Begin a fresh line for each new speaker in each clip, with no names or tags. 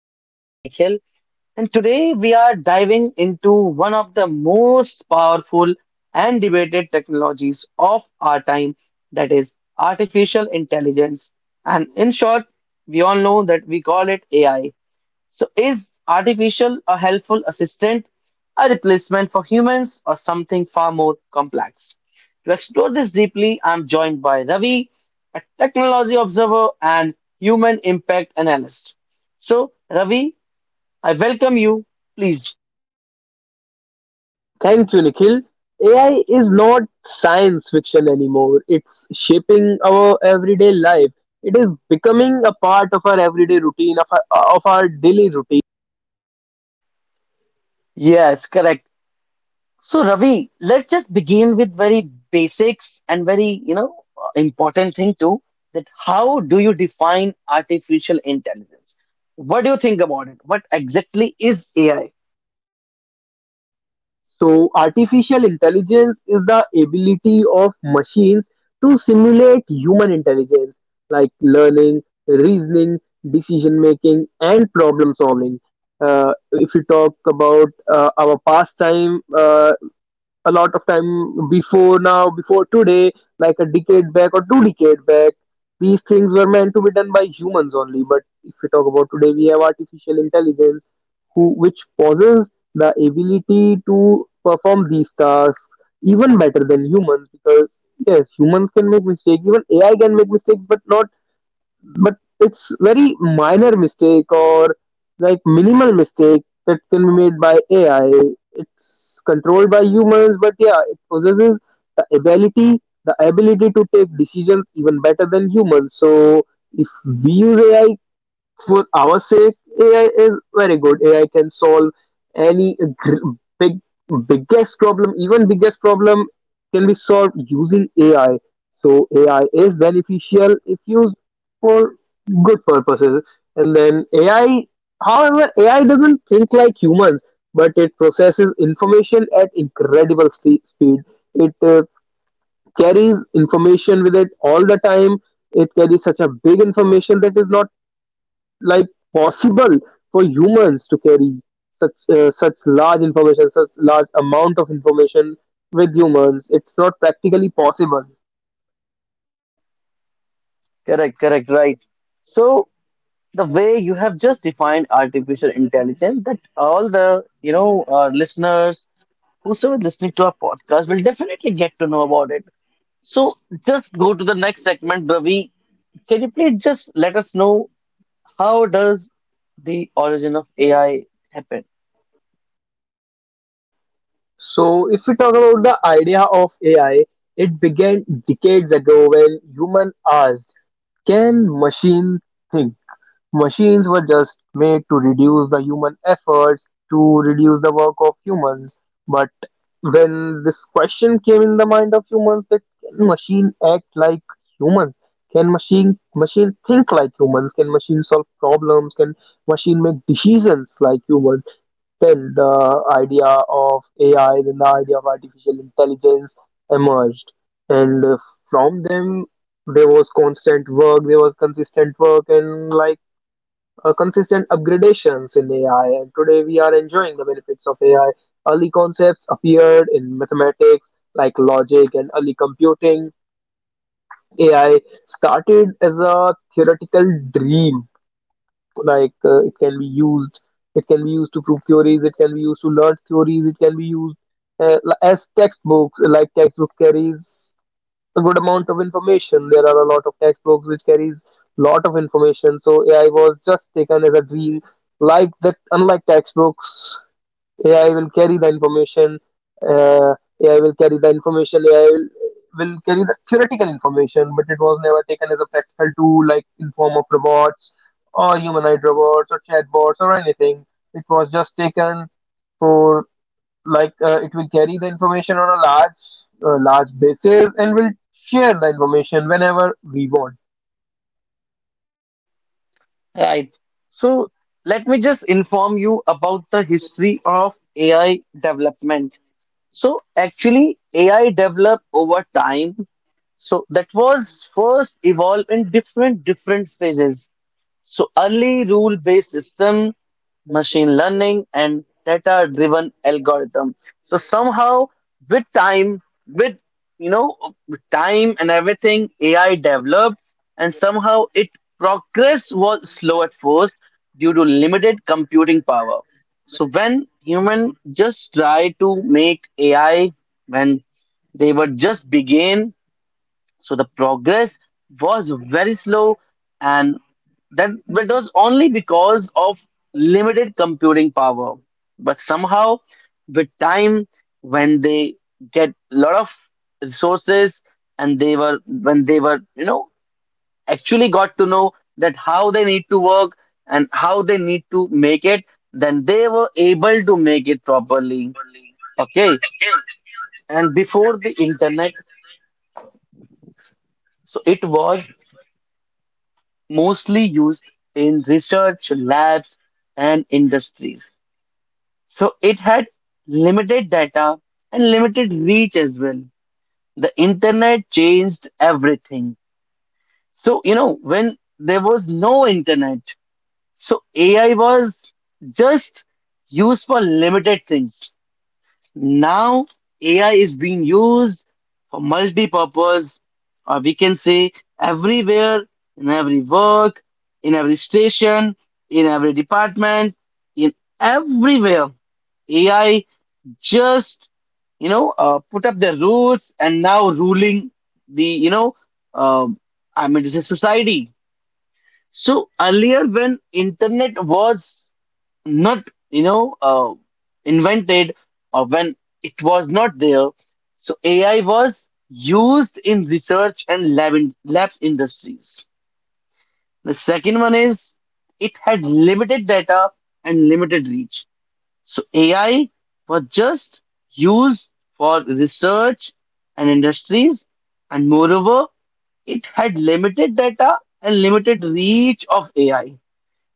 host, Nikhil, and today we are diving into one of the most powerful and debated technologies of our time, that is, artificial intelligence. And in short, we all know that we call it AI. So, is artificial a helpful assistant, a replacement for humans, or something far more complex? To explore this deeply, I'm joined by Ravi, a technology observer and human impact analyst. So, Ravi, I welcome you. Please.
Thank you, Nikhil. AI is not science fiction anymore. It's shaping our everyday life. It is becoming a part of our everyday routine, of our daily routine.
Yes, correct. So Ravi, let's just begin with very basics and very, important thing too, that how do you define artificial intelligence? What do you think about it? What exactly is AI?
So, artificial intelligence is the ability of machines to simulate human intelligence, like learning, reasoning, decision making, and problem solving. If you talk about our pastime a lot of time before now, before today, like a decade back or two decade back, these things were meant to be done by humans only. But if we talk about today, we have artificial intelligence who which possesses the ability to perform these tasks even better than humans, because yes, humans can make mistakes, even ai can make mistakes, but not but it's very minor mistake or like minimal mistake that can be made by AI. It's controlled by humans, but yeah, it possesses the ability the ability to take decisions even better than humans. So if we use AI for our sake, AI is very good. AI can solve any gr- big, biggest problem, even biggest problem can be solved using AI. So AI is beneficial if used for good purposes. And then AI, however, AI doesn't think like humans, but it processes information at incredible speed. It carries information with it all the time. It carries such a big information that is not like possible for humans to carry such large information such large amount of information. With humans, it's not practically possible.
Correct, correct, right. So the way you have just defined artificial intelligence, that all the, listeners, whosoever listening to our podcast will definitely get to know about it. So just go to the next segment, Ravi. Can you please just let us know how does the origin of AI happen?
So if we talk about the idea of AI, it began decades ago when human asked, can machine think? Machines were just made to reduce the human efforts, to reduce the work of humans. But when this question came in the mind of humans, that can machine act like humans? Can machine think like humans? Can machine solve problems? Can machine make decisions like humans? Then the idea of AI, then the idea of artificial intelligence emerged, and from them there was consistent work, and like consistent upgradations in AI, and today we are enjoying the benefits of AI. Early concepts appeared in mathematics like logic and early computing. AI started as a theoretical dream, like it can be used to prove theories, it can be used to learn theories, it can be used uh, as textbooks, like textbook carries a good amount of information. There are a lot of textbooks which carries lot of information. So AI was just taken as a dream. Like that, unlike textbooks, AI will carry the information. Uh, AI will carry the information. AI will carry the theoretical information, but it was never taken as a practical tool, like in form of robots or humanoid robots or chatbots or anything. It was just taken for it will carry the information on a large basis and will share the information whenever we want,
Right. So let me just inform you about the history of AI development. So actually, AI developed over time. So that was first evolved in different phases. So early rule-based system, machine learning, and data-driven algorithm. So somehow with time, with you know, with time and everything, AI developed, and somehow it progress was slow at first due to limited computing power. So when human just try to make AI, when they were just begin, so the progress was very slow, and that was only because of limited computing power. But somehow, with time, when they get a lot of resources, and they were when they were actually got to know that how they need to work and how they need to make it, then they were able to make it properly. Okay, and before the internet, so it was mostly used in research labs and industries. So it had limited data and limited reach as well. The internet changed everything. So, when there was no internet, so AI was just used for limited things. Now, AI is being used for multi-purpose, or we can say everywhere, in every work, in every station, in every department, in everywhere. AI just, put up their roots and now ruling the, um I mean, this is society. So earlier, when internet was not you know uh, invented, or when it was not there, so AI was used in research and lab industries. The second one is, it had limited data and limited reach. So AI was just used for research and industries, and moreover, it had limited data and limited reach of AI.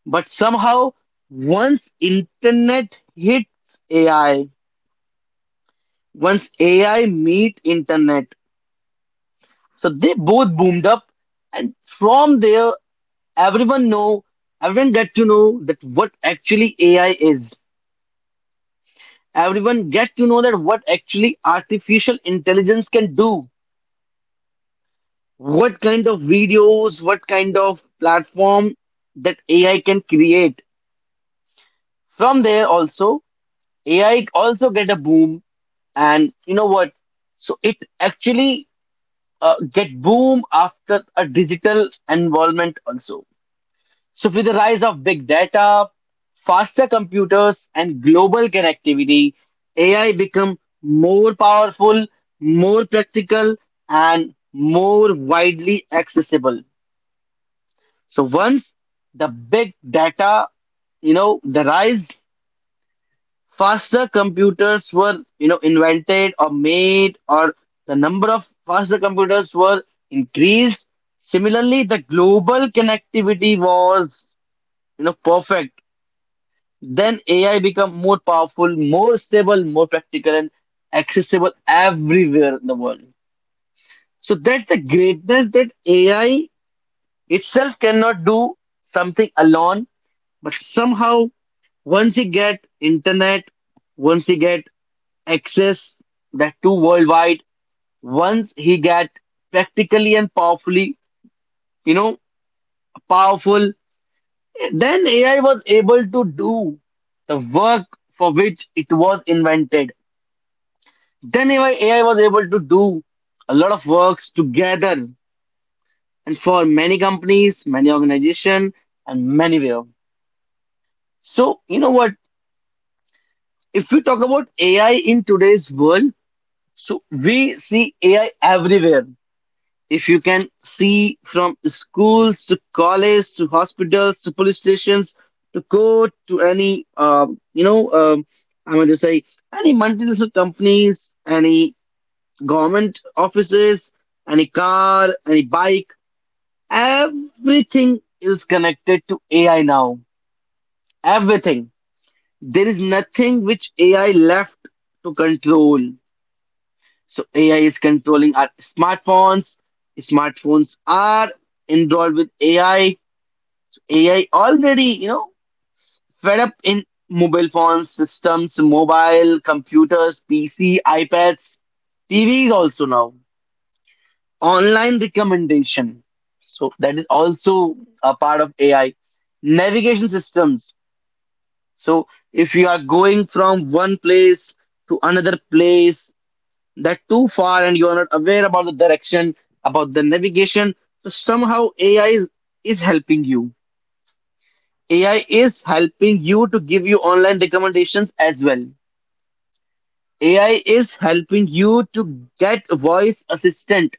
But somehow, once internet hits AI, once AI meet internet, so they both boomed up. And from there, everyone know, everyone get to know that what actually AI is. Everyone get to know that what actually artificial intelligence can do, what kind of videos, what kind of platform that AI can create. From there also, AI also get a boom. And you know what so it actually get boom after a digital environment also. So with the rise of big data, faster computers, and global connectivity, AI become more powerful, more practical, and more widely accessible. So once the big data, the rise, faster computers were invented or made, or the number of faster computers were increased, similarly the global connectivity was perfect, then AI become more powerful, more stable, more practical, and accessible everywhere in the world. So that's the greatness, that AI itself cannot do something alone. But somehow, once you get internet, once you get access, that to worldwide, once he got practically and powerfully, you know powerful, then AI was able to do the work for which it was invented. Then AI was able to do a lot of works together, and for many companies, many organizations, and many where. So you know what if we talk about AI in today's world, so we see AI everywhere. If you can see from schools to college to hospitals to police stations to court to any, you know, um, I'm going to say, any multinational companies, any government offices, any car, any bike, everything is connected to AI now. Everything. There is nothing which AI left to control. So AI is controlling our smartphones. Smartphones are involved with AI. AI already, fed up in mobile phones, systems, mobile, computers, PC, iPads, TVs also now. Online recommendation. So that is also a part of AI. Navigation systems. So if you are going from one place to another place, that too far, and you are not aware about the direction, about the navigation. So somehow AI is helping you. AI is helping you to give you online recommendations as well. AI is helping you to get a voice assistant.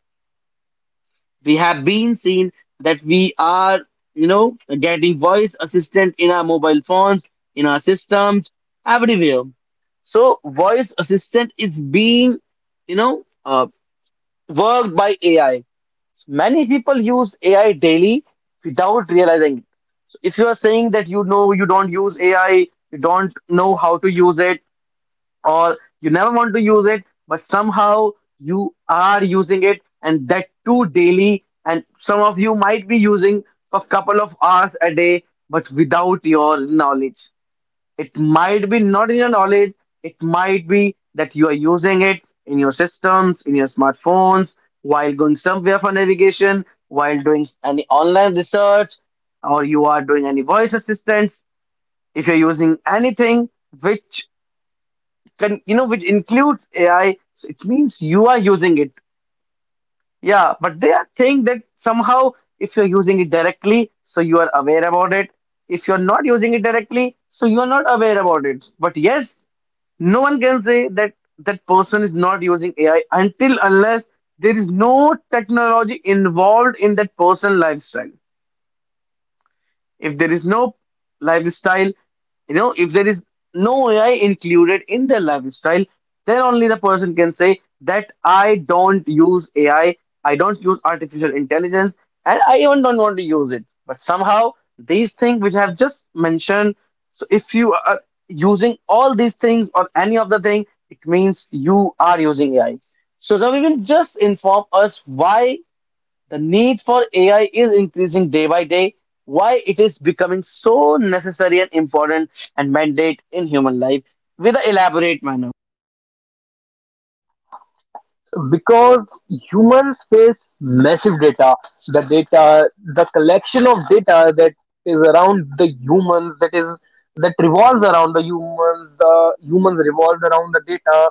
We have been seen that we are, getting voice assistant in our mobile phones, in our systems, everywhere. So voice assistant is being, you know, uh, worked by AI. Many people use AI daily without realizing it. So if you are saying that you know you don't use AI, you don't know how to use it, or you never want to use it, but somehow you are using it, and that too daily, and some of you might be using for a couple of hours a day, but without your knowledge. It might be not in your knowledge. It might be that you are using it in your systems, in your smartphones, while going somewhere for navigation, while doing any online research, or you are doing any voice assistants. If you're using anything which can, which includes AI, so it means you are using it. Yeah, but they are saying that somehow if you're using it directly, so you are aware about it. If you're not using it directly, so you are not aware about it. But yes, no one can say that that person is not using AI until unless there is no technology involved in that person lifestyle. If there is no lifestyle, if there is no AI included in their lifestyle, then only the person can say that I don't use AI, I don't use artificial intelligence, and I even don't want to use it. But somehow, these things which I have just mentioned, so if you are using all these things or any of the thing, it means you are using AI. So Ravi will just inform us why the need for AI is increasing day by day. Why it is becoming so necessary and important and mandate in human life with an elaborate manner.
because humans face massive data. The data, the collection of data that is around the humans, that is that revolves around the humans, the humans revolve around the data,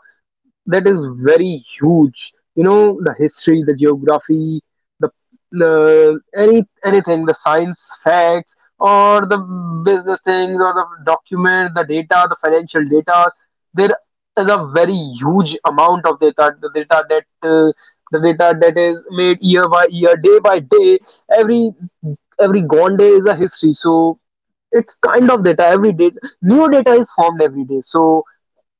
that is very huge. You know, the history, the geography, the the any anything, the science facts, or the business things, or the document, the data, the financial data. There is a very huge amount of data, the data that is made year by year, day by day. Every every gone day is a history. So it's kind of data every day. New data is formed every day. So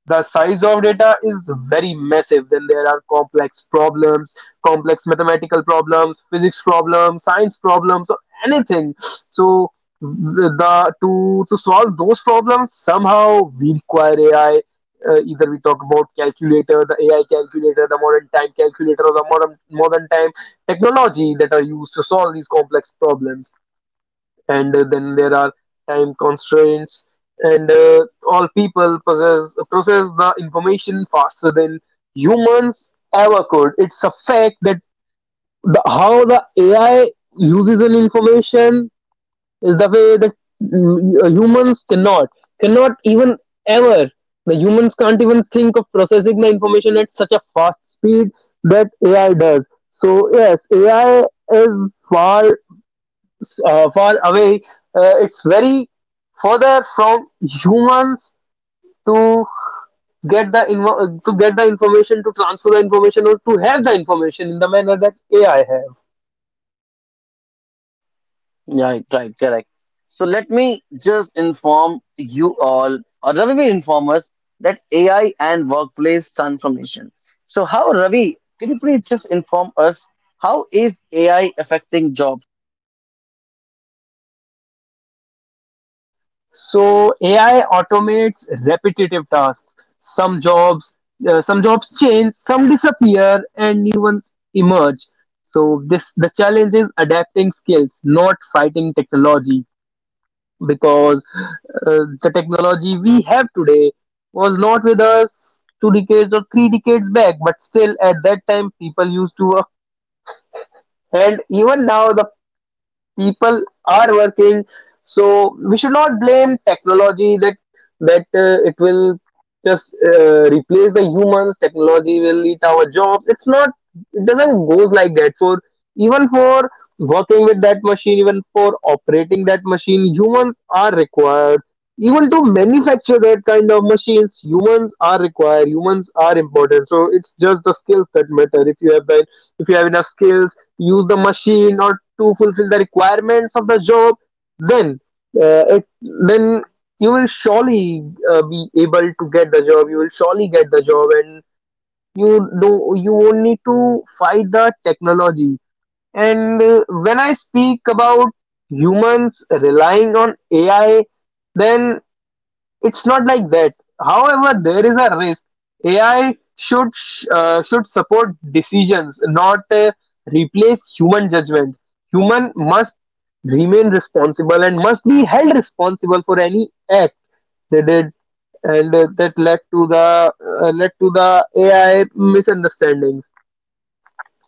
the size of data is very massive. Then there are complex problems, complex mathematical problems, physics problems, science problems, or anything. So to solve those problems somehow, we require AI. Either we talk about calculator, the AI calculator, the modern time calculator, or the modern time technology that are used to solve these complex problems. And then there are time constraints, and all people possess process the information faster than humans ever could. It's a fact that the, how the ai uses an information is the way that humans cannot cannot even ever the humans can't even think of processing the information at such a fast speed that ai does. So yes, ai is far away. It's very further from humans to to get the information, to transfer the information, or to have the information in the manner that AI have.
Yeah, right, right, correct. So let me just inform you all, or Ravi inform us, that AI and workplace transformation. So how Ravi, can you please just inform us how is AI affecting job?
So AI automates repetitive tasks. Some jobs, some jobs change, some disappear, and new ones emerge. So this the challenge is adapting skills, not fighting technology, because the technology we have today was not with us two decades or three decades back, but still at that time people used to work, and even now the people are working. So we should not blame technology that it will just replace the humans. Technology will eat our jobs. It's not. It doesn't goes like that. For even for working with that machine, even for operating that machine, humans are required. Even to manufacture that kind of machines, humans are required. Humans are important. So it's just the skills that matter. If you have the if you have enough skills, use the machine or to fulfill the requirements of the job, then uh, it then you will surely be able to get the job. You will surely get the job, and you won't need to fight the technology. And when I speak about humans relying on AI, then it's not like that. However, there is a risk. AI should support decisions, not replace human judgment. Human must remain responsible and must be held responsible for any act they did, and that led to the AI misunderstandings,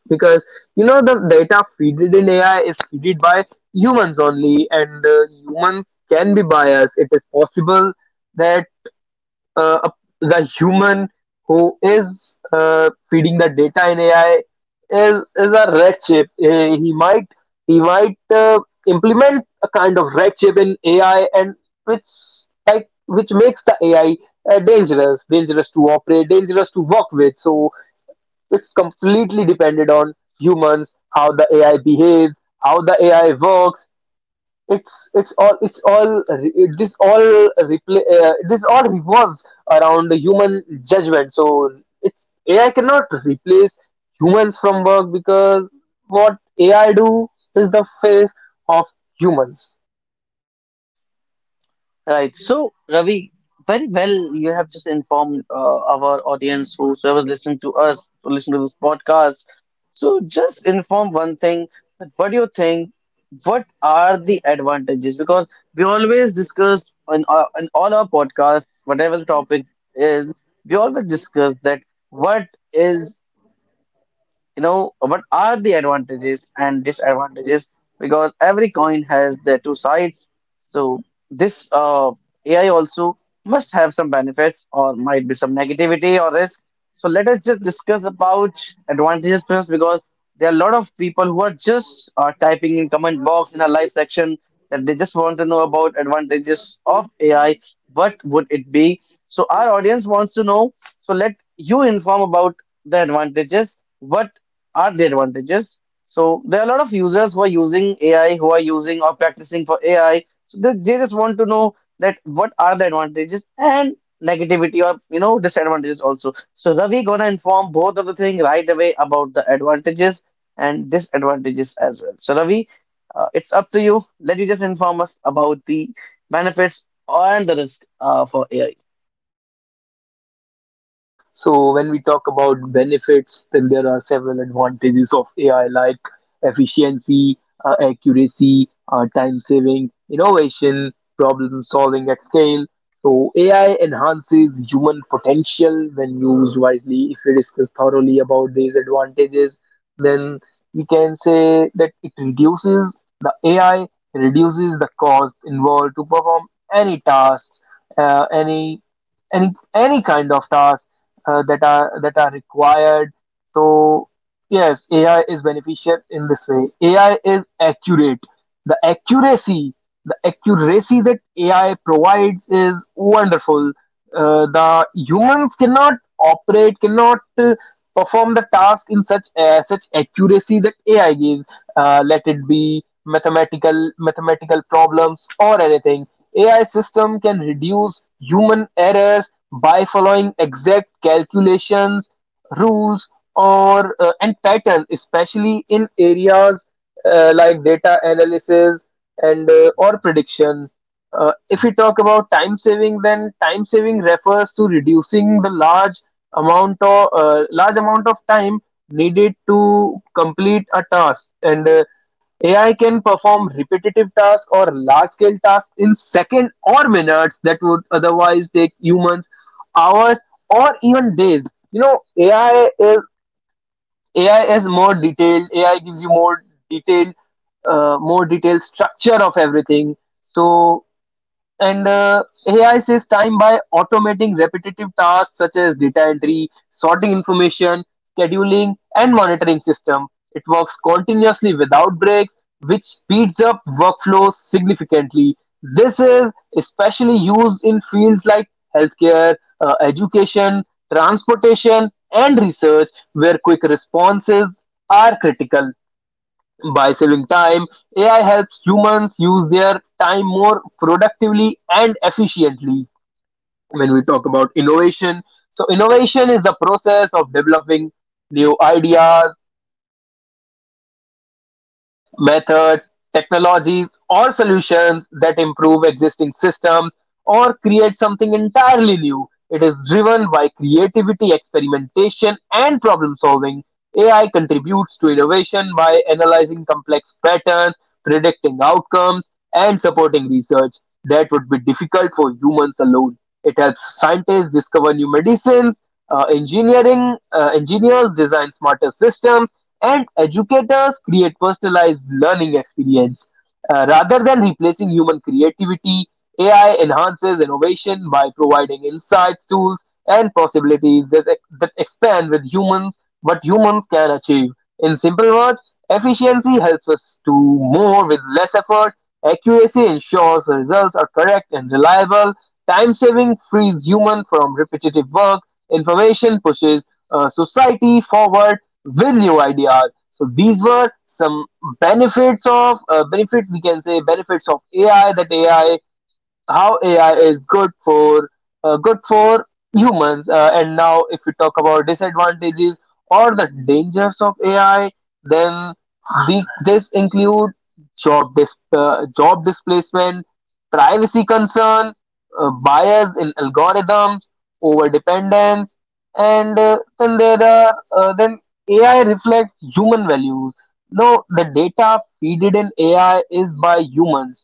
because you know the data fed in AI is fed by humans only, and humans can be biased. It is possible that uh, the human who is feeding the data in AI is a red shape. He might he might uh, implement a kind of red shape in AI, and which like which makes the AI dangerous, dangerous to operate, dangerous to work with. So it's completely dependent on humans, how the AI behaves, how the AI works, it's all it is all repla this all revolves around the human judgment. So it's ai cannot replace humans from work, because what ai do is the face of humans.
Right. So, Ravi, very well, you have just informed our audience, who's ever listening to us, who listen to this podcast. So, just inform one thing, that what do you think? What are the advantages? Because we always discuss in all our podcasts, whatever the topic is, we always discuss that what is you know what are the advantages and disadvantages, because every coin has their two sides. So this AI also must have some benefits, or might be some negativity or risk. So let us just discuss about advantages first, because there are a lot of people who are just typing in comment box in our live section, that they just want to know about advantages of AI. What would it be? So our audience wants to know. So let you inform about the advantages. What are the advantages? So there are a lot of users who are using AI, who are using or practicing for AI. So they just want to know that what are the advantages and negativity, or disadvantages also. So Ravi gonna inform both of the thing right away about the advantages and disadvantages as well. So Ravi, it's up to you. Let you just inform us about the benefits and the risk for AI.
So when we talk about benefits, then there are several advantages of AI like efficiency, accuracy, time saving, innovation, problem solving at scale. So AI enhances human potential when used wisely. If we discuss thoroughly about these advantages, then we can say that it reduces the AI reduces the cost involved to perform any tasks, uh, any any any kind of task that are required. So yes, AI is beneficial in this way. AI is accurate. The accuracy, the accuracy that AI provides is wonderful. The humans cannot perform the task in such accuracy that AI gives, let it be mathematical problems or anything. Ai system can reduce human errors by following exact calculations, rules, or and pattern, especially in areas like data analysis and or prediction. If we talk about time saving, then time saving refers to reducing the large amount of time needed to complete a task. And AI can perform repetitive tasks or large scale tasks in seconds or minutes that would otherwise take humans hours or even days. You know, AI is more detailed. AI gives you detailed, more detailed structure of everything. So and AI saves time by automating repetitive tasks such as data entry, sorting information, scheduling, and monitoring system. It works continuously without breaks, which speeds up workflows significantly. This is especially used in fields like healthcare, education, transportation, and research, where quick responses are critical. By saving time, AI helps humans use their time more productively and efficiently. When we talk about innovation, so innovation is the process of developing new ideas, methods, technologies, or solutions that improve existing systems or create something entirely new. It is driven by creativity, experimentation, and problem solving. AI contributes to innovation by analyzing complex patterns, predicting outcomes, and supporting research that would be difficult for humans alone. It helps scientists discover new medicines, engineering engineers design smarter systems and educators create personalized learning experience. Rather than replacing human creativity, AI enhances innovation by providing insights, tools, and possibilities that expand with humans what humans can achieve. In simple words, efficiency helps us do more with less effort. Accuracy ensures the results are correct and reliable. Time saving frees human from repetitive work. Information pushes society forward with new ideas. So these were some benefits of benefits we can say benefits of AI, that AI how AI is good for uh, good for humans. And now, if we talk about disadvantages or the dangers of AI, then this include job displacement, privacy concern, bias in algorithms, over dependence, and then there are then AI reflects human values. No, the data feeded in AI is by humans.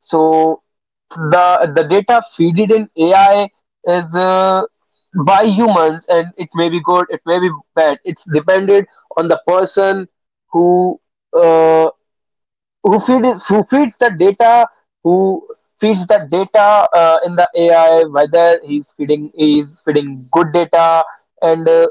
So the data feeded in AI is by humans, and it may be good, it may be bad. It's depended on the person who uh, who feeds the data, who feeds the data in the AI, whether he's feeding good data, and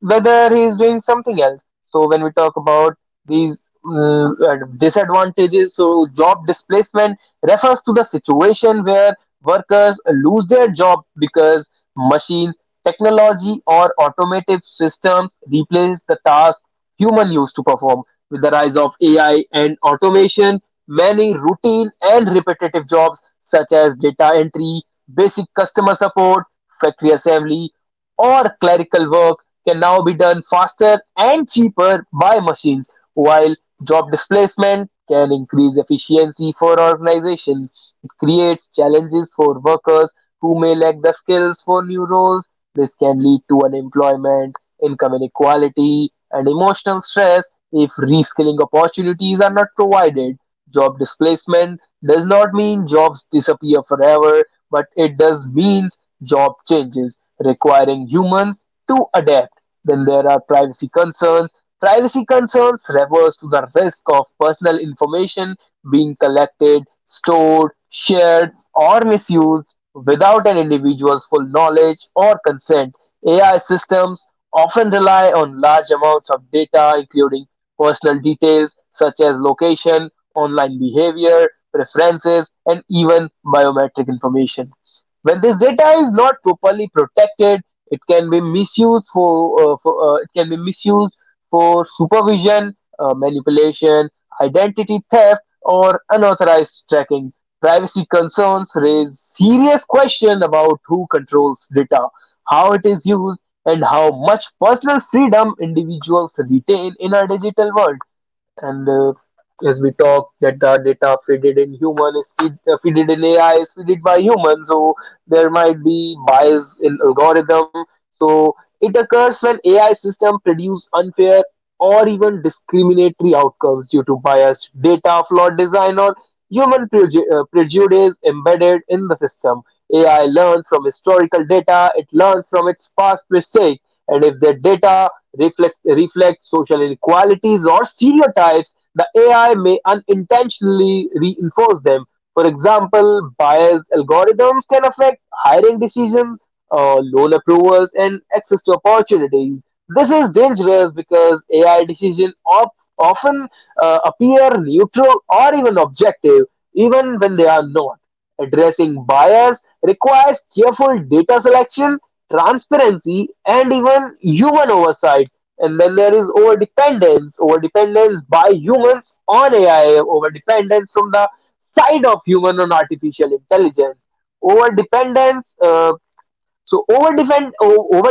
whether he is doing something else. So when we talk about these disadvantages, so job displacement refers to the situation where workers lose their job because machines, technology, or automated systems replace the task human used to perform. With the rise of AI and automation, many routine and repetitive jobs such as data entry, basic customer support, factory assembly, or clerical work can now be done faster and cheaper by machines, while job displacement can increase efficiency for organizations. It creates challenges for workers who may lack the skills for new roles. This can lead to unemployment, income inequality, and emotional stress if reskilling opportunities are not provided. Job displacement does not mean jobs disappear forever, but it does mean job changes, requiring humans to adapt. Then there are privacy concerns. Privacy concerns refers to the risk of personal information being collected, stored, shared, or misused without an individual's full knowledge or consent. AI systems often rely on large amounts of data, including personal details such as location, online behavior, preferences, and even biometric information. When this data is not properly protected, it can be misused for it can be misused for supervision, manipulation, identity theft, or unauthorized tracking. Privacy concerns raise serious questions about who controls data, how it is used, and how much personal freedom individuals retain in our digital world. And As we talk that the data fitted in human is fitted in ai is fitted by human, so there might be bias in algorithm. So it occurs when ai system produce unfair or even discriminatory outcomes due to biased data, flawed design, or prejudice embedded in the system. Ai learns from historical data, it learns from its past mistakes, and if the data reflects social inequalities or stereotypes, the AI may unintentionally reinforce them. For example, biased algorithms can affect hiring decisions, loan approvals, and access to opportunities. This is dangerous because AI decisions often appear neutral or even objective, even when they are not. Addressing bias requires careful data selection, transparency, and even human oversight. And then there is over dependence by humans on AI, over dependence from the side of human on artificial intelligence. Over dependence so over depend Over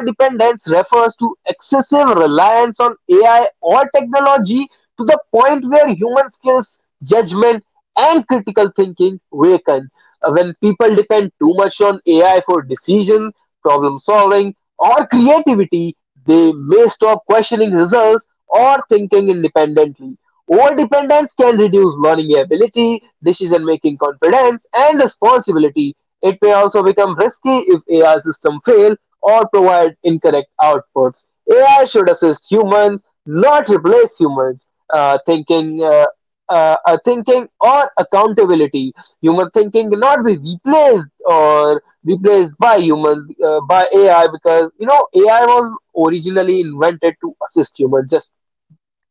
refers to excessive reliance on AI or technology to the point where human skills, judgment, and critical thinking weaken. When people depend too much on AI for decisions, problem solving, or creativity, they may stop questioning results or thinking independently. Overdependence can reduce learning ability, decision making confidence, and responsibility. It may also become risky if AI systems fail or provide incorrect outputs. AI should assist humans, not replace humans. Uh, thinking, uh, thinking or accountability. Human thinking cannot be replaced or replaced by humans by AI, because you know AI was originally invented to assist humans, just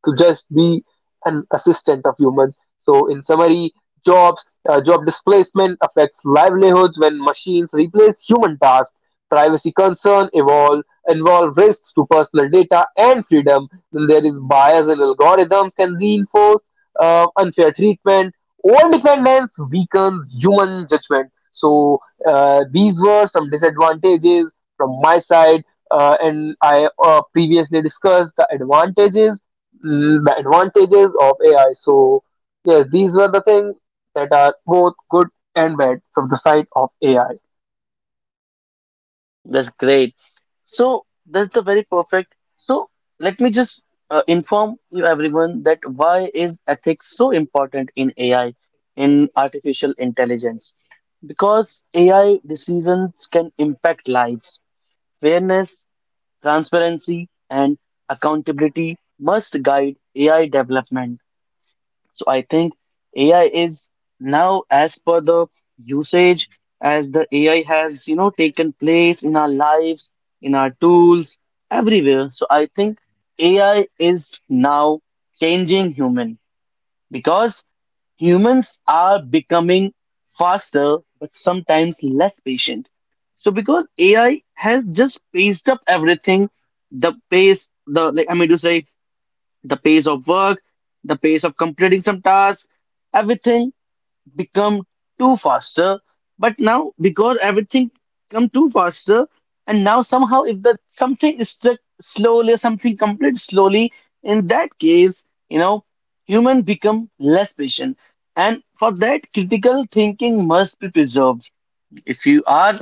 to just be an assistant of humans. So, in summary, jobs, job displacement affects livelihoods when machines replace human tasks. Privacy involve risks to personal data and freedom. Then there is bias and algorithms can reinforce unfair treatment. All dependence weakens human judgment. So these were some disadvantages from my side, and I previously discussed the advantages, the advantages of AI. So, yes, these were the things that are both good and bad from the side of AI.
That's great. So that's the very perfect. So let me just inform you everyone, that why is ethics so important in AI, in artificial intelligence? Because AI decisions can impact lives. Fairness, transparency, and accountability must guide AI development. So I think AI is now, as per the usage, as the AI has, taken place in our lives, in our tools, everywhere. So I think AI is now changing human, because humans are becoming faster, but sometimes less patient. So because AI has just paced up everything, the pace, the like, I mean to say, the pace of work, the pace of completing some tasks, everything become too faster. But now, because everything come too faster, and now somehow if the something is stuck slowly, something complete slowly, in that case, you know, human become less patient. And for that, critical thinking must be preserved. If you are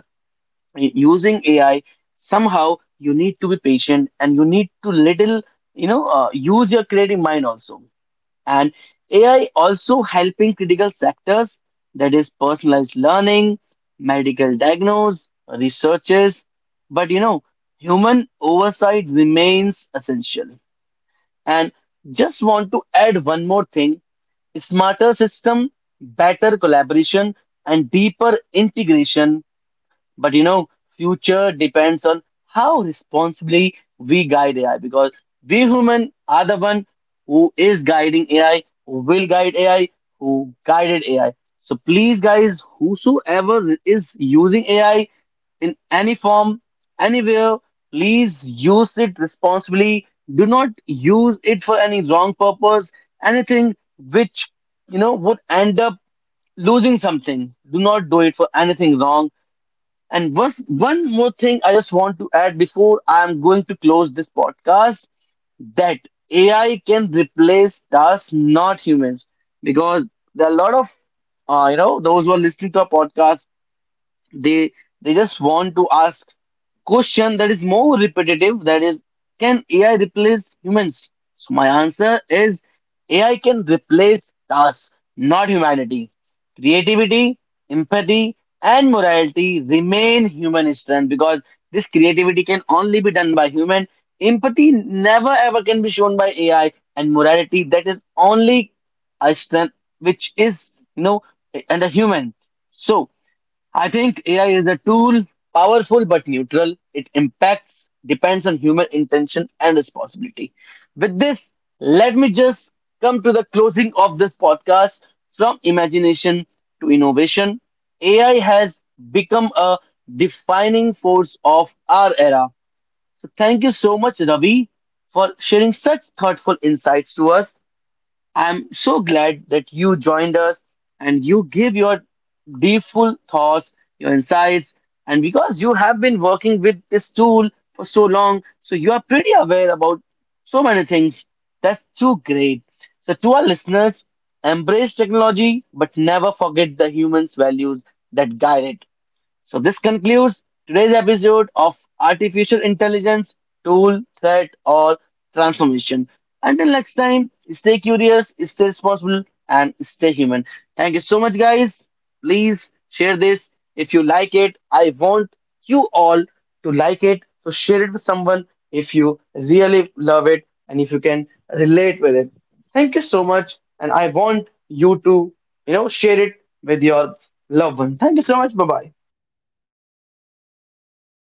using AI, somehow you need to be patient, and you need to little, use your creative mind also. And AI also helping critical sectors, that is personalized learning, medical diagnose, researches. But human oversight remains essential. And just want to add one more thing: smarter system, better collaboration, and deeper integration. But future depends on how responsibly we guide AI, because we human are the one who is guiding AI, who will guide AI, who guided AI. So please, guys, whosoever is using AI in any form, anywhere, please use it responsibly. Do not use it for any wrong purpose, anything which would end up losing something. Do not do it for anything wrong. And one more thing I just want to add before I'm going to close this podcast, that AI can replace tasks, not humans, because there are a lot of, those who are listening to our podcast, they they just want to ask question that is more repetitive. That is, can AI replace humans? So my answer is, AI can replace tasks, not humanity. Creativity, empathy, and morality remain human strength, because this creativity can only be done by human. Empathy never ever can be shown by AI, and morality, that is only a strength which is under human. So I think AI is a tool, powerful but neutral. It impacts, depends on human intention and responsibility. With this, let me just come to the closing of this podcast, from imagination to innovation. AI has become a defining force of our era. So, thank you so much, Ravi, for sharing such thoughtful insights to us. I'm so glad that you joined us, and you give your deepful thoughts, your insights, and because you have been working with this tool for so long, so you are pretty aware about so many things. That's too great. So to our listeners, embrace technology, but never forget the humans' values that guide it. So this concludes today's episode of Artificial Intelligence, Tool, Threat or Transformation. Until next time, stay curious, stay responsible, and stay human. Thank you so much guys. Please share this if you like it. I want you all to like it. So share it with someone if you really love it and if you can relate with it. Thank you so much, and I want you to, share it with your loved one. Thank you so much. Bye-bye.